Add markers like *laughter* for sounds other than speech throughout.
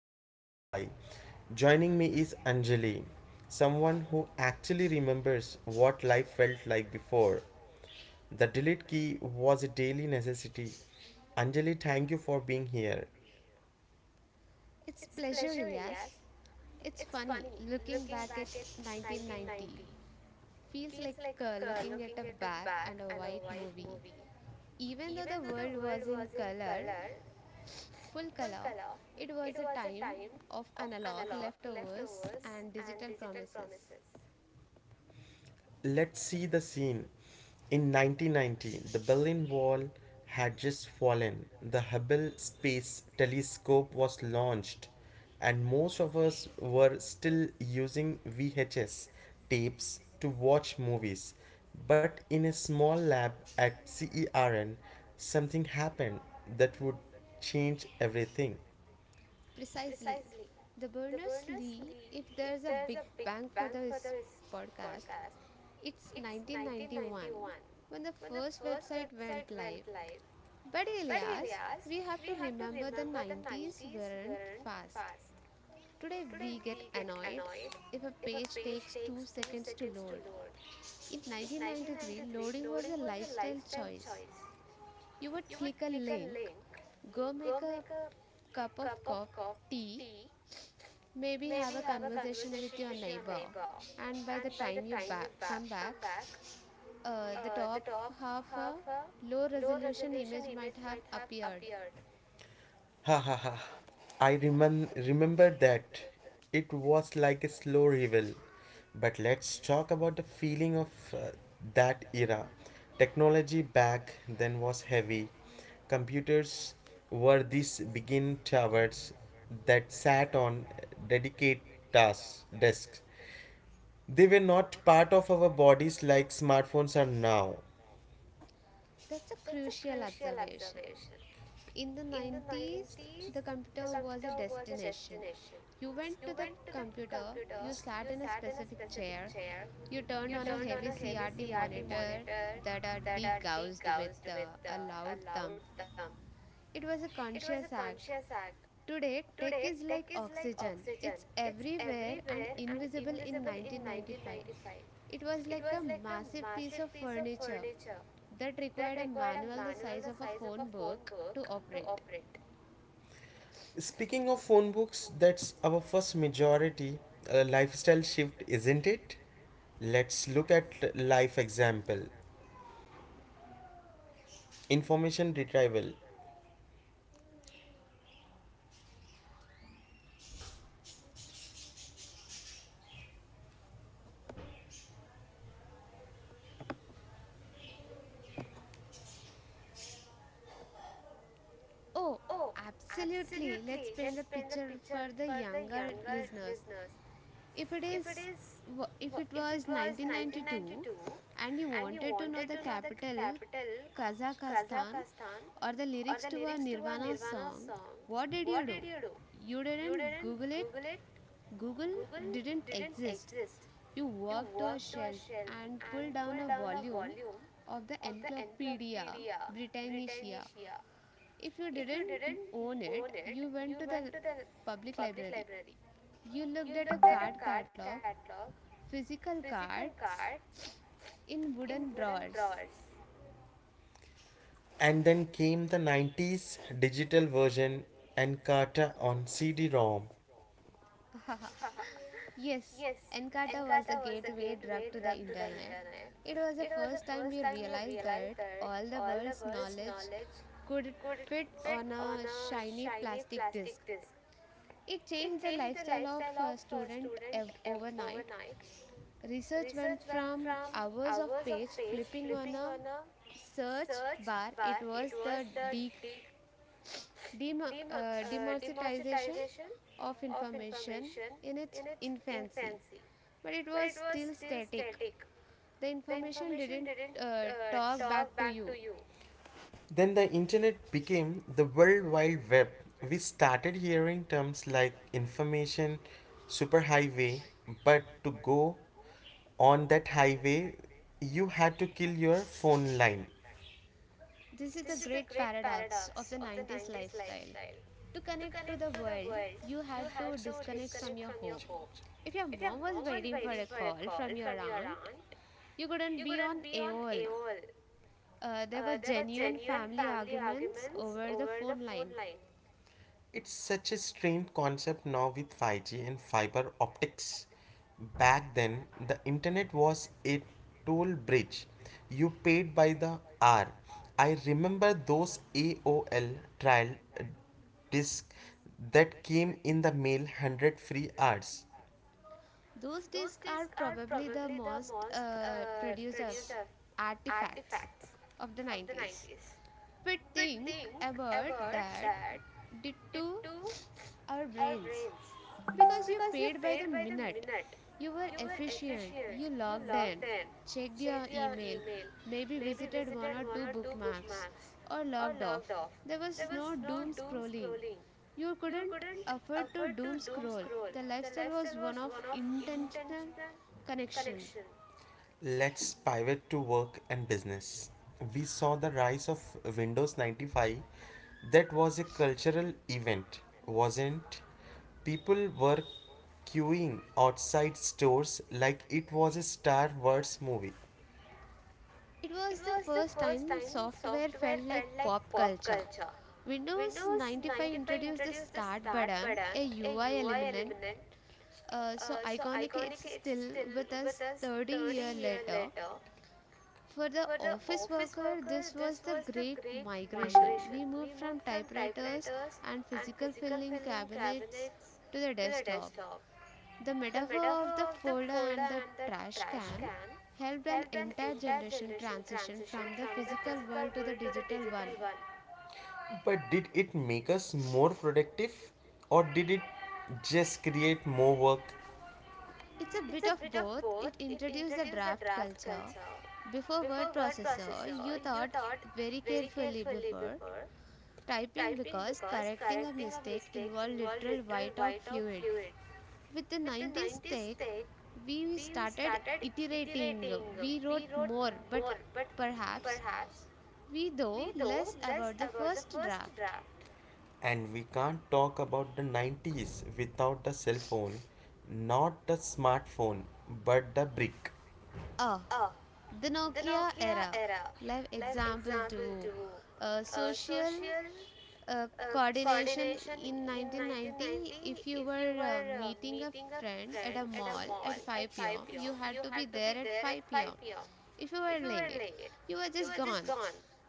2025. Joining me is Anjali, someone who actually remembers what life felt like before. The delete key was a daily necessity. Anjali, thank you for being here. It's pleasure, Ilyas. Yes, It's funny looking back at 1990. Feels feedback like looking at a black and a and a white white movie. movie. Even though Even the though the world was in world color, was full full color, color, it it was a time of analog leftovers and digital promises. Let's see the scene. In 1990, the Berlin Wall had just fallen. The Hubble Space Telescope was launched, and most of us were still using VHS tapes to watch movies. But in a small lab at CERN, something happened that would change everything. Precisely. Precisely. The The Berners Berners-Lee, Lee, if if there's a there's big a big bang for bang for this this podcast, podcast, it's it's 1991 1991 when the when the first first website website went went live. live. But But Elias, Elias, we have we to have to remember the remember the 90s 90s weren't weren't fast. fast. Today Today we get we get annoyed annoyed if a if a page page takes 2 takes 2 seconds to seconds to load. load. In In 1993, 1993, loading was a loading was a lifestyle lifestyle choice. choice. You would You would click a click a link, link, go go make a make a cup of cup of co- coffee, tea, tea, maybe have maybe a have a conversation with conversation your with your neighbor, neighbor, and by the and by the time you time you back, come come back, back, the the top top half half a a low low resolution image might have appeared. beard. Ha ha ha. I remember that. It was like a slow reveal. But let's talk about the feeling of that era. Technology back then was heavy. Computers were these begin towers that sat on dedicated desks. They were not part of our bodies like smartphones are now. That's a That's a crucial good observation. observation. In the 90s, Each the computer was a door was a destination. destination. You went to the computer, You door, you sat in a sat in a specific specific chair, chair. you turned You on a turned on heavy a heavy CRT CRT monitor monitor that are that are degaussed with degaussed with a a loud loud thump. thump. It was a It was a conscious act. conscious act. Today, tech Today, is tech like is like oxygen. oxygen. It's It's everywhere and everywhere and invisible. In invisible in 1995, 1995. it was It like was a like a massive piece massive of furniture picture. that It required a required a. manual the size of a phone book to operate. Speaking of phone books, that's our first majority lifestyle shift, isn't it? Let's look at life example. Information retrieval. Oh, Oh, absolutely. Let's absolutely. paint Let's the paint the picture picture for the for the younger younger listeners. listeners. If it If it is is, if it if it was was 1992 1992 and you and you wanted to know wanted the to know the capital capital, Kazakhstan, Kazakhstan, or the or lyrics the to a lyrics to Nirvana song, what did you what do? do you do? You didn't Google it. Google didn't exist. You walked to a shelf and Shall pulled down a volume of the Encyclopedia we Britannica. here. If you didn't own it, you went to the public library. You You looked at a looked at card a card catalog, catalog, physical physical cards cards in in wooden drawers. drawers. And then came the 90s digital version and Carter on CD ROM. *laughs* Yes, Encarta was the gateway drug to the internet. It was the first time we realized Realized that that all the all the world's knowledge rich could could fit on a shiny plastic disc. plastics It style changed the lifestyle of a of student ev- overnight. fiction Research went from hours of page flipping on a search bar. bar It was the de- the dem- uh, democratization of information in its infancy, fence. but it was It was still still. static. The information didn't talk back to you. Then the internet became the World Wide Web. We started hearing terms like information superhighway, but to go on that highway, you had to kill your phone line. This is the This is great paradox of the the 90s lifestyle. To connect to the world, you had to disconnect from your home. If your mom was waiting for a call from turn your aunt, around. you couldn't be on AOL. AOL were There were genuine family arguments over the the phone phone line. line. It's such a strange concept now with 5G and fiber optics. Back then, the internet was a toll bridge. You paid by the hour. I remember those AOL trial disc that came in the mail 100 free hours. Those discs are probably the most Almost uh, produced of artifacts of the 90s. But think about heard that that did to our our brains. brains Because you because you paid by the minute, you were efficient, you logged logged in, in, checked check your your email, email. maybe visited one or two bookmarks, or logged off. There was no doom scrolling. You couldn't afford to doom scroll. The lifestyle was one of intentional connection. Let's pivot to work and business. We saw the rise of Windows 95. That was a cultural event, wasn't? People were queuing outside stores like it was a Star Wars movie. It It was the was the first time software felt like pop pop culture. Windows Windows 95 introduced the start button, a UI element, so iconic it's still with us 30 years later. For the office worker, this was the great migration. migration We moved from typewriters and to physical filing cabinets to the the desktop. The metaphor of the folder and the trash trash can helped an entire generation transition transition from the from the physical physical world to the to the digital digital one. one. But did it make us more productive or did it just create more work? It's a bit of It's both. It both introduced the draft culture. Before with word processor, you thought very carefully before typing, because correcting correct a mistake involved literal whiteout fluid. fluid. With the 90s tech, Take we started iterating. We wrote more, but more, but perhaps perhaps we know we though less about the first draft. draft. And we can't talk about the 90s without the cell phone. Not the smartphone, but the brick. Ah, Oh, the Nokia era. there Live are example example to to a social coordination in 1990. If you were meeting a friend at a mall mall at at 5 pm, you had to be there at 5 pm. 5 p.m. If you were late, you were You just gone.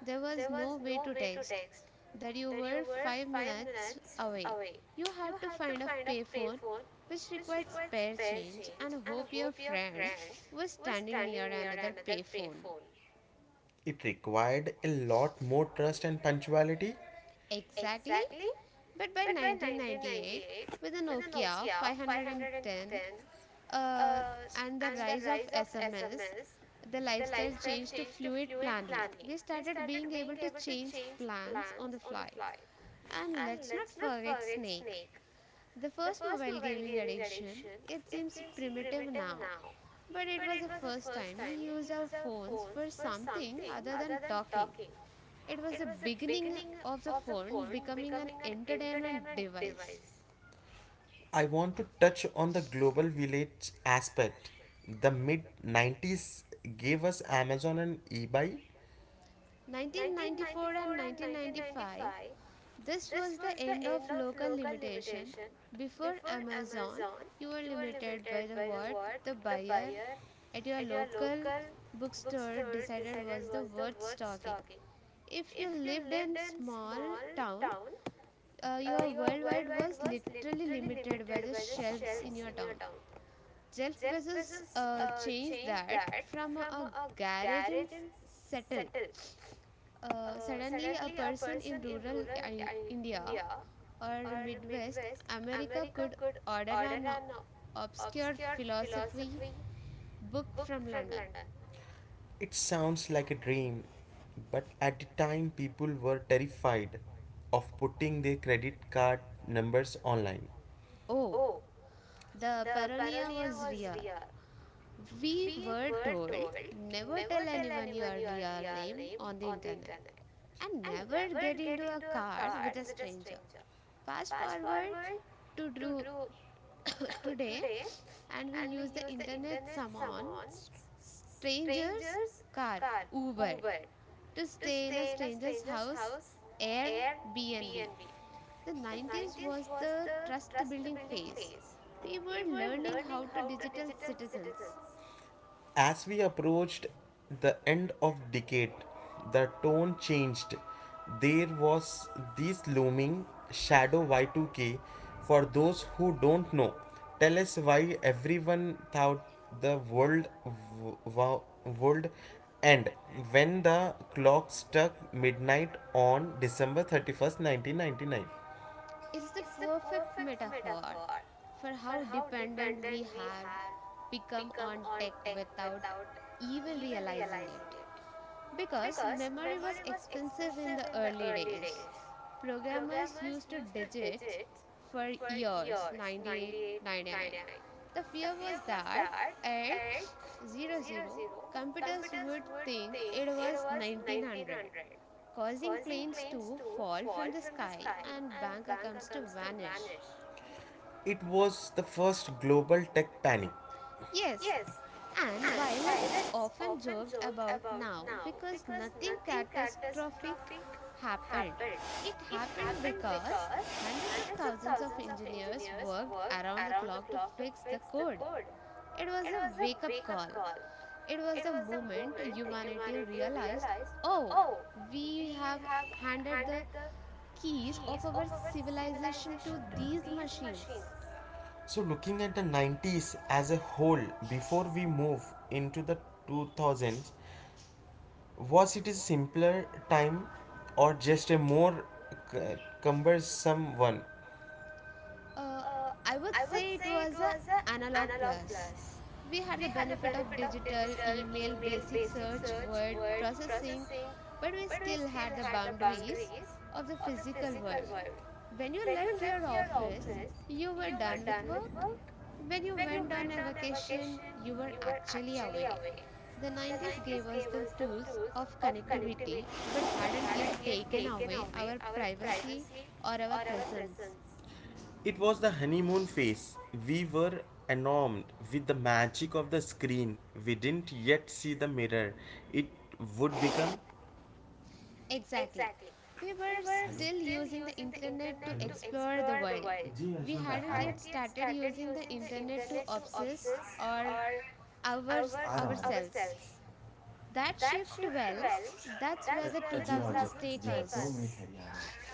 There was no way no to way to text text that you that you were were five 5 minutes minutes away. away. You You had to had to find a find a payphone, payphone which which required requires spare space. change, and hope your friend was standing near another payphone. It required a lot more trust and punctuality. Exactly. Exactly. But by 1998, with the Nokia Yeah. 510, uh, Uh, and the the rise of rise SMS, of the the lifestyle changed to fluid planning. planet We started being able to change plans on the to fly. fly. And And let's not forget Snake, the first mobile gaming addiction. It seems primitive now, but it but was it the first time we used our phones for was something other than talking. talking. It was It the was beginning of the also. phone becoming an entertainment device. I want to touch on the global village aspect. The mid 90s gave us Amazon and eBay. 1994 and 1995, this Just was the end of local limitation. Before Amazon, you were limited by the what the buyer at your the local but. bookstore decided was the worth stocking. If you If you lived in lived in small small town, town, your you are worldwide was literally limited by visited the by the shelves in shelf. your town. Jeff Shelf Bezos uh, changed that from a garage gas, in settle. Uh, Suddenly, a person in rural I, India or midwest America could order uh, an obscure philosophy book from from London. London. It sounds like a dream, but at the time people were terrified of putting their credit card numbers online. Oh, Oh, the paranoia was real. We were told never tell anyone when your you are real name on the internet and and no never get into a car car. with a stranger. Fast Fast forward forward to to do, *laughs* *coughs* Today, and *coughs* we and use the internet summons stranger's strangers car, come Uber, to to stay in a stranger's house, Airbnb. Airbnb. The The 90s was the trust building phase. days We were we were learning how to digital lost. citizens. As we approached the end of decade, the tone changed. There was this looming shadow Y2K. For those who don't know, tell us why everyone thought the world world end when the clock struck midnight on December 31st, 1999. It's the It's the poor perfect metaphor for for how how dependent dependent we we have have become become on on tech tech without without even even realizing realizing it. it. Because Because memory was memory was expensive in expensive the in the early early days, days. programmers Programmers used to digits for were years 98, 99. 98.99. The The fear was that start at at 00 zero-zero, zero computers computer would think think it it was was 90 1900, causing cause planes to fall from the sky high and and bank accounts to comes to vanish. vanish. It was the first global tech panic. Yes, Yes, and and while it's pirates of often joked about now because nothing this catastrophic traffic happened, happened. it It happened happened because because hundreds of hundreds of thousands of thousands engineers just worked worked around the around the clock to clock to fix the fix the code. code. It was It a was wake up a call. call. It was It the was moment humanity humanity realized, realized, oh, oh, we we have have handed the handed keys keys of of our our siblings. civilization to these machines. So, looking at the 90s as a whole before we move into the 2000s, was it a simpler time or just a more cumbersome one? Uh, Uh, I would I was say it was a analog analog plus. plus. We had We the had benefit of digital, email, email, basic basic search, search, word word, processing, but we but still had the boundaries boundaries of the of the physical world. real world. When you When you left your leave office, this, you were you're done with done with work. work. When you When went on a vacation, you were you were actually actually away. away, The then 90s gave us there the was the tools tools of of connectivity, connectivity but but hadn't yet hadn't yet taken taken away our private privacy or or our our presence. presence. It was the honeymoon phase. We were enamored with the magic of the screen. We didn't yet see the mirror. It would become. Exactly. We We were were still still using the the internet to internet. Hello? To explore the explore the world. world. Ji We Yashwant We आ रहा hadn't yet hadn't yet started started using the internet to obsess access or or uh ours, आरो, आरो। ourselves. Ourselves. That That's shift, well, well, that's where that's the where the हूँ the जी हाँ 2000s 2000s take जी हाँ take दो us. us. Minute us. है यार.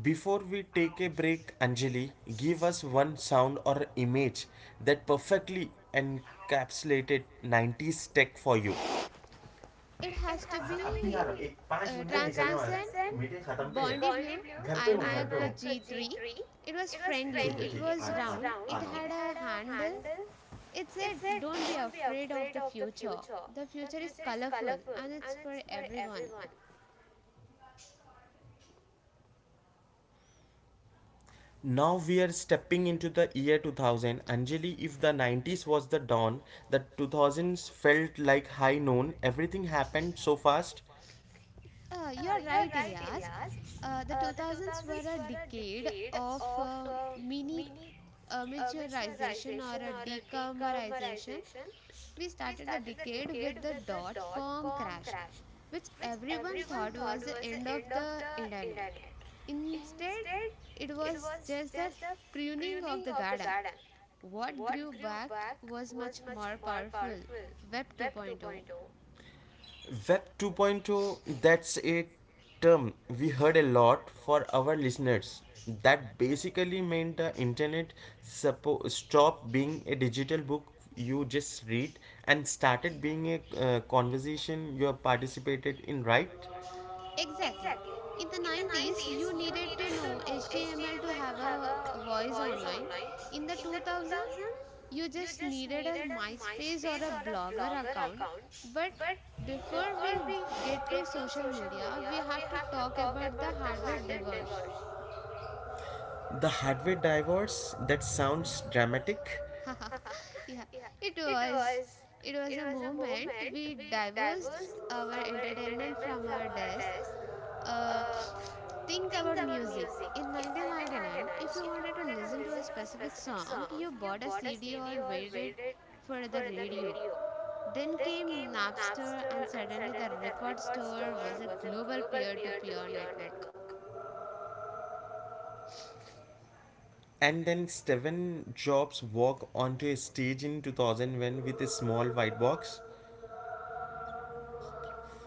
Before we take a break, Anjali, give us one sound or image that perfectly encapsulated 90s tech for you. It It has to अभी be यार एक पाँच minute में निकलना है translucent, translucent मीटिंग खत्म पे है Bondi blue, bond घर पे हूँ घर पे iMac IMAX. हूँ G3. iMac. It was It was ठीक है friendly, friendly. it ठीक है It was uh round, count. it आना It. had a handle. It It said, said "Don't be don't. afraid of the future. The future is colorful and it's And it, for everyone." now we are stepping into the year 2000. Anjali, if the 90s was the dawn, the 2000s felt like high noon. Everything happened so fast. You're You're right, right, Elias. Ilyas. The The 2000s were a decade of of mini uh, miniaturization or a decommerization. consumerized We started the decade decade, with .com crash, which everyone thought was the end of the internet. which Instead, instead it it was was just the pruning of the the garden. garden. What grew back Back, was much more mark, powerful. Web 2.0. window. Web 2.0, point oh. That's a term we heard a lot for our listeners. That basically meant the internet stopped being a digital book you just read and started being a conversation you have participated in, right? Exactly. Exactly. In the In 90s, you the days needed you to tend to know know if you HTML to have have a a voice voice online. online, In the in the 2000s, present you you just needed a MySpace or a blogger blog. account. But before Before we we get to get to social social media, media, we we have to have to talk talk about the about hardware diverse. girls. The hardware divorce, that sounds dramatic. *laughs* Yeah, it was. It was a A move moment we that divorced our our entertainment entertainment from from our our desk. desk. Uh, Uh, think think about music. music. In In 1999, 1999, if you if you wanted to were listen to a specific song, you bought a CD video or or waited for for the the radio. radio, Then then came Napster, and Napster, and suddenly the suddenly the record record store store was a was a global global peer to peer peer-to-peer network. network. And then Steven Jobs walked onto a stage in 2001 with a small white box.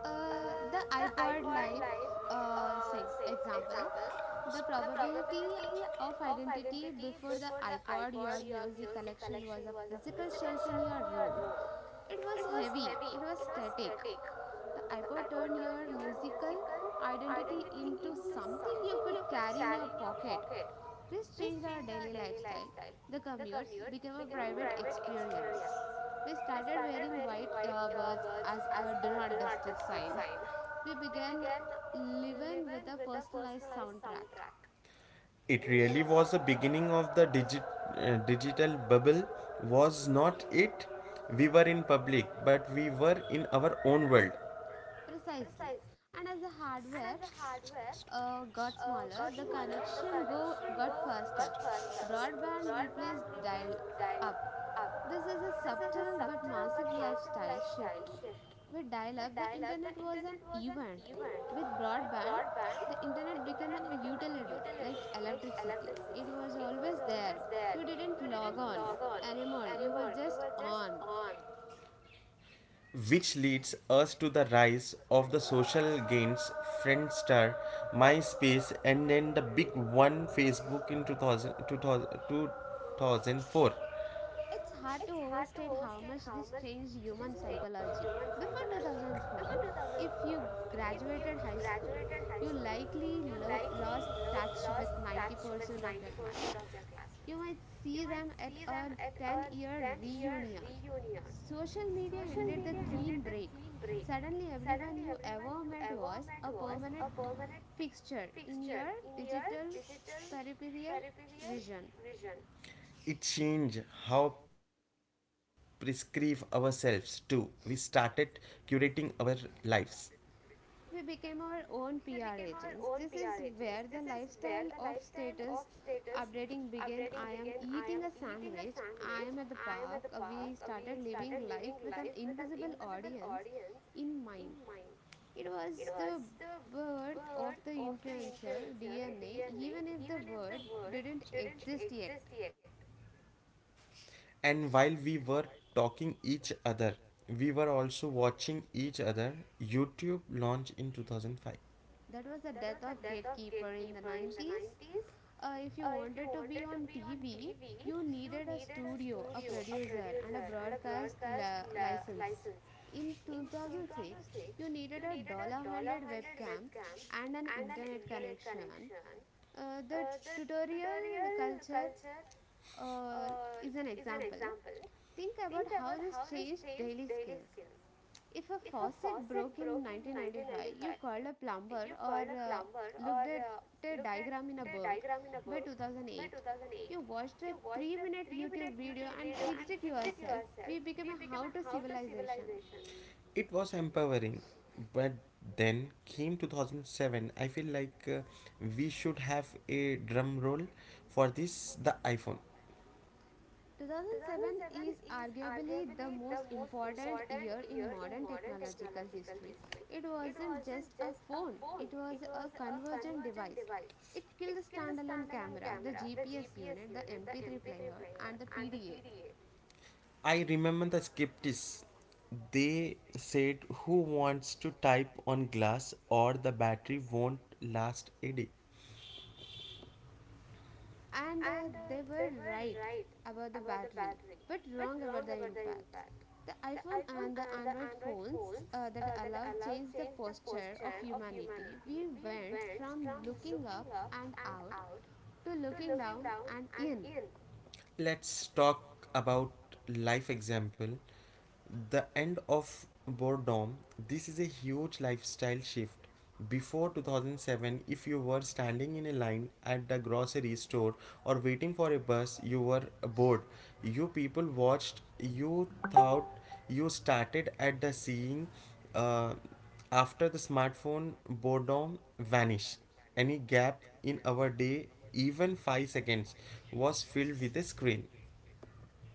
Uh, The the iPod iPod life, Live example, example, the the probability probability of of identity. Before the iPod, your music collection was a the physical physical shelf in shelf your in your room. room. It was It was heavy, heavy, it was it was static. static. The The iPod iPod turned turned your your musical musical identity into identity into something you something could you could carry in your carry in your pocket. pocket. This This changed our daily day lifestyle. lifestyle The commute commute became a became a private private experience. experience. We We started started wearing wearing white white earbuds earbuds as as a do a do not not disturb disturb sign. sign. We We began began the living with a personalized long soundtrack. track. It really was the beginning of the digital bubble, was not it? We were in public, but we were in our own world. Precisely. Precisely. And as the And as the hardware hardware got got smaller, the smaller, the connection got got faster. faster. Broadband Broadband replaced dial replaced dial up. up. This is a This is a subtle but subtle massive but massive lifestyle lifestyle shift. shift With dial up, the plug, the internet was an internet was an event. event. With With broadband, broadband, the the internet became internet an became an utility utility like like electricity. It electricity. was It was always there. always there. You didn't log on Log on. anymore, you were Anymore, you just were just on. on. Which leads us to the rise of the social gains Friendster, MySpace, and then the big one Facebook in 2002 thousand 2004. It's hard to To overstate how overstate much this changed human human psychology, before psychology. Before 2004, 2004, if you if you graduated high school, graduated high you school, likely lost touch lost with touch with 90% of your portion of classmates. their You classmates. might You see might them at a need a 10-year 10-year reunion. reunion. Social media Social ended the media clean break. didn't break. Suddenly, everyone you ever met was a Environment was a permanent permanent fixture in fixture your in your digital digital peripheral career vision. vision. It changed how prescribe ourselves too. We started curating our lives. We became our We own became PR our agents. own This PR is agents. where This the is where lifestyle the of lifestyle of status status updating began. updating I am began. I eating am a eating a sandwich, I sandwich, am at the I am park. at the park, We started living life with an live invisible audience audience in in mind. mind. It It was was the the birth of birth the of the influencer influencer DNA, DNA, even if the even if word the word didn't didn't exist yet. exist yet. And while we were talking each other, we were also watching each other. YouTube launched in 2005. That was the death of Gatekeeper in the Gatekeeper in the 90s. 90s. If you If wanted to be on TV, you you needed a studio, a a producer, and a user and broadcast cast la- license. license. In 2006, you needed Check a dollar hundred webcam webcam and an internet connection. connection. The The tutorial tutorial culture culture uh, uh, is an is an example. example. Think about Think how about this how this changed changed daily daily skills. skills. If a If a faucet faucet broke in broke in 1995, you 1995, called a you plumber called a or plumber or looked at a looked at diagram in a a book. diagram in a By book. By 2008, 2008, you watched a you watched 3 a minute YouTube three-minute video YouTube and video and fixed it fixed it yourself. We yourself. became a how to civilization. It was empowering, but then came 2007. I feel like we should have a drum roll for this the iPhone. 2007 is arguably the most important year in modern technological history. It wasn't just a phone, it was a convergent device. It killed the standalone camera, the GPS unit, the MP3 player, and the PDA. I remember the skeptics. They said, "Who wants to type on glass, or the battery won't last And they were right about the battery, but wrong about the impact. The iPhone and the Android phones that allowed changed the a posture of day?" humanity. We went Went from from looking looking up up and and out out to to looking down and in. let's talk about life example. The end of boredom. This is a huge lifestyle shift. Before 2007, if you were standing in a line at the grocery store or waiting for a bus, you were bored. You people watched, you thought, you started at the seeing, uh, after the smartphone, boredom vanished. Any gap in our day, even 5 seconds, was filled with a screen.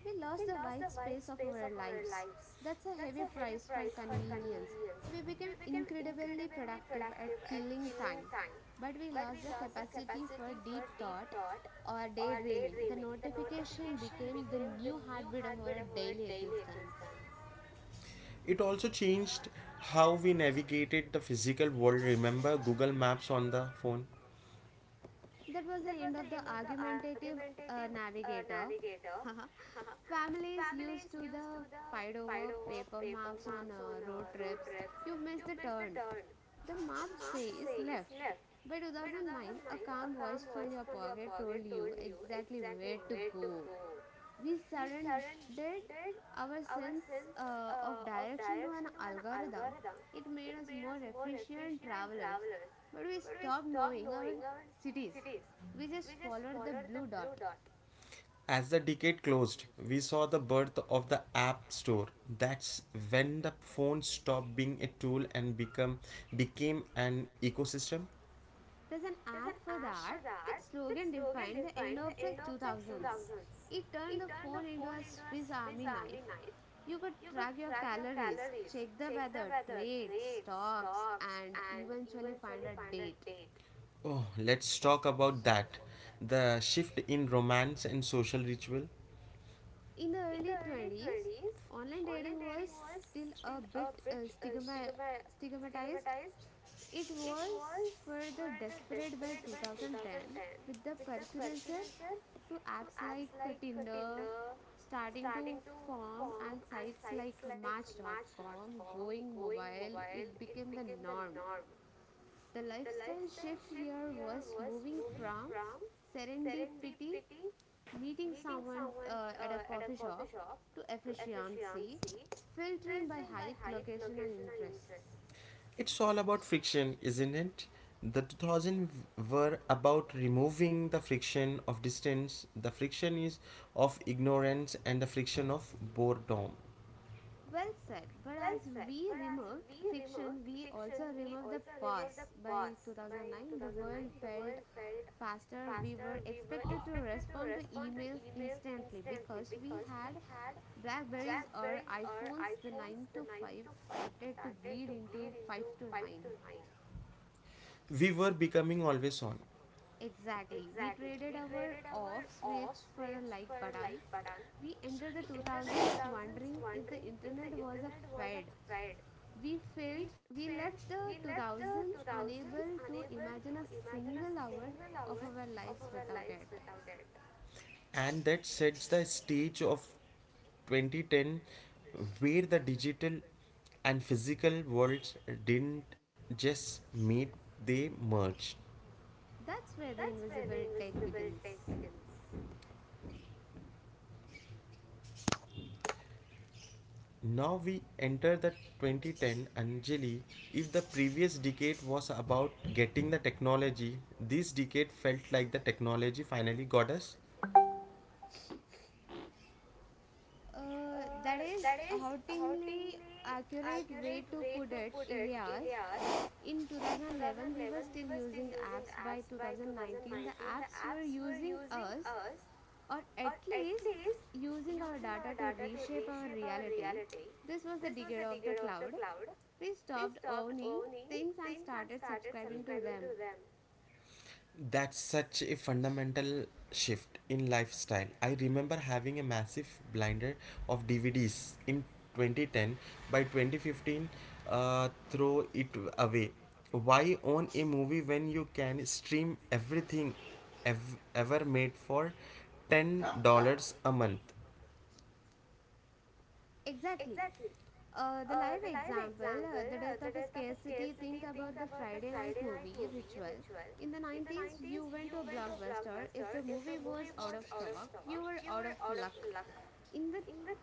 We lost the wide space Survives of our our lives. lives That's a heavy price for for convenience. convenience, We became incredibly productive at killing time, but we lost the capacity for deep thought thought, or daydreaming. The daydreaming, notification became the new heartbeat of our daily daily existence. existence. It also changed how we navigated the physical world. Remember Google Maps on the phone? That was the end of the argumentative Creative navigator. creator, *laughs* *laughs* Families used to the fight find over out paper papers maps on on road road trips. trips. You missed the turn. The map says left, Says by 2009, a sign of calm voice from your pocket told you petroleum. exactly where to go. We surrendered our Red sense of uh, direction to an algorithm. alga It made us more efficient travelers, travelers but we stopped knowing our cities. We just with followed the blue dot. no dot. As the decade closed, we saw the birth of the App Store. That's when the phone stopped being a tool and become became an ecosystem. There's an There's an app for app for that. that. That That slogan slogan defined the end defined the of end the of the 2000s. 2000s. It turned It the turned phone into a Swiss Swiss army knife. army You could its track your calories, check the weather, other its trade, stocks, blogs and and, eventually find a date. oh, let's talk about that. The shift in romance and social ritual. In the early 20s, Literally online dating was was still still a bit a bit uh, stigma- it stigmatized. It was for the was desperate by 2010 then with the precursor to apps like Tinder starting starting to to form form and sites like sites Match.com going going mobile. It became the norm. The lifestyle shift here was moving from serendipity, meeting someone at a coffee shop, to efficiency, filtering by height, height. location, and interests. It's all about friction, isn't it? The 2000 were about removing the friction of distance, the friction is of ignorance, and the friction of boredom. Well said, but Well as said, we but as removed we friction, removed we fiction, also we removed the also removed the pause. By pause. 2009, the world The felt world felt faster. fast. We were We were expected to expected to respond to respond emails emails instantly instantly because we because we had had Blackberries or very our iPhones. The iPhones 9 to 5 five started to bleed into 5 into to 5 9. to 9. We were becoming always on. Exactly. We Exactly. traded our off Off switch for a switch like for a button. like button. We entered the The 2000s results wondering if wonder the internet was a was fad. a fad. We felt We we felt left we the left the 2000s 2000s unable to unable to imagine a imagine a single hour single of hour our of lives our without lives it. without it. And that sets the stage of 2010, where the digital and physical worlds didn't just meet, they merged. That's where the That's where the invisible tech invisible tech begins. begins. Now we enter the 2010 Anjali. If the previous decade was about getting the technology, this decade felt like the technology finally got us. Uh, That is that is hauntingly accurate way to way put to it, put it, Elias. Ilyas, In 2011, we were still using apps. By by to 2019, the apps were using us, or at least using our data to reshape our reshape our reality. reality, This was the decade of the figure of the cloud, cloud, we stopped owning owning, things and started subscribing to subscribing to them. them. That's such a fundamental shift in lifestyle. I remember having a massive blinder of DVDs in 2010. By 2015, throw it away. Why own a movie when you can stream everything ever made for $10 a month? Exactly. The live The example, example, the Death of a Scarcity, scarcity think about the Friday night decided movie ritual. In the 90s, you went to a blockbuster. blockbuster If the movie was out of stock, you were out of out of luck. luck. In the 2010's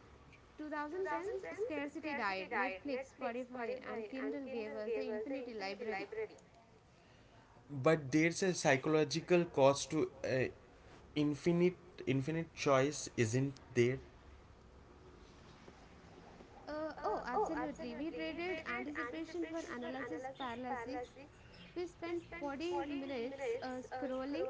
2010s, scarcity died. scarcity died. Netflix, Netflix, Spotify, and Spotify, and Kindle Kindle gave us the gave us the infinity infinity library. library. But there's a psychological cost to uh, infinite infinite choice, isn't there? Oh, absolutely. We traded anticipation for analysis paralysis. We spent 40 minutes Minutes. scrolling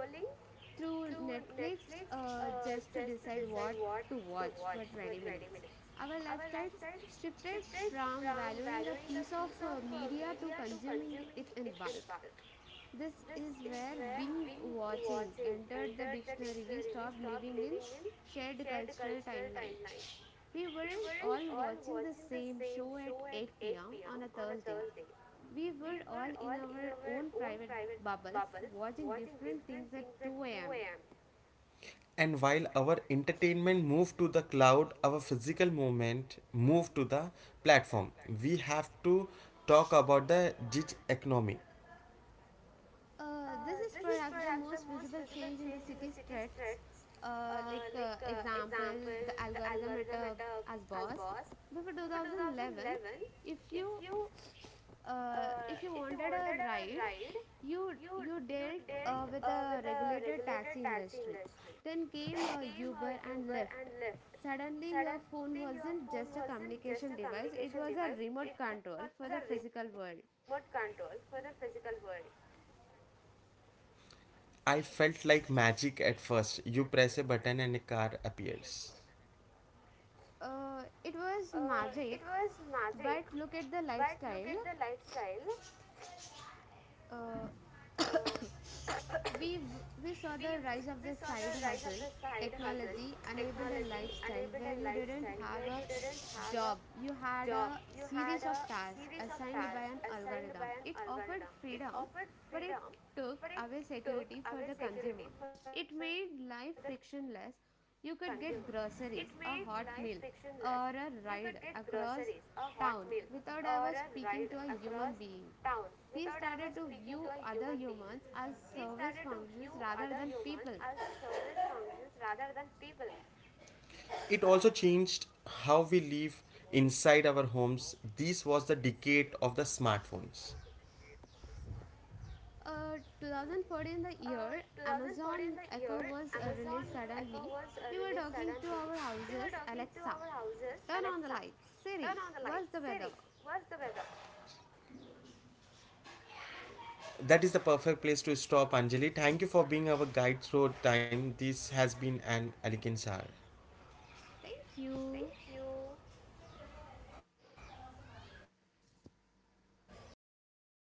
through Netflix just to decide Decide what what to watch for 20 20 minutes. minutes. Our I lifestyles wish shifted to from valuing a piece of media to consuming it in bulk. This is where Bing watching watching entered the entered the dictionary. We stopped review living in shared cultural timeline. timeline. We We weren't weren't all watching the same show at 8 8 pm on a Thursday. Thursday. We were We all in our own private private bubbles watching different things at 2 am. 2 a.m. And while our entertainment moved to the cloud, our physical movement moved to the platform. We have to talk about the gig economy. This is perhaps the most visible change in the city's threats. Like example, Example, the the algorithm at algorithm uh, as as boss boss. before 2011. If if you you if you if you wanted a wanted a ride, ride, you you you you dealt dealt with with a the regulated regulated taxi taxi industry. industry. Then Then came came Uber and Uber and Lyft. Lyft. Suddenly, your Suddenly phone your wasn't phone just a wasn't just a communication device; communication it was a device, it was remote a remote control for the control for physical the world. physical world. I felt like magic at first. You press a button and a car appears. It was It was magic, magic, but look at the but look at the lifestyle. lifestyle. Uh, uh, *coughs* We, we saw We, the rise we of saw the the side rise of the hustle, side hustle, technology enabled a technology lifestyle enabled a where you didn't lifestyle where have you a didn't have a job, you had job. a You had series of a tasks series of assigned by tasks an assigned algorithm. by an It offered algorithm. freedom, but it Freedom took away took security for the consumer. security for the It consumer. made life It made frictionless. You could frictionless get groceries, a hot meal, grocery, a hot or a meal, ride or a across ride town across without ever town speaking to without a ever human talking being. to a human We being. started to view other humans as Other service humans as functions service rather than functions people. rather than people. It also changed how we live inside our homes. This was the decade of the smartphones. 2014, the year In the year, Amazon Echo Amazon was released suddenly, released we suddenly were to talking to our houses, our Alexa, houses, turn Alexa, on the lights, turn on Siri, the lights. what's the weather? What's the weather? That is the perfect place to stop, Anjali. Thank you for being our guide through time. This has been an elegant hour. Thank you. Thank you.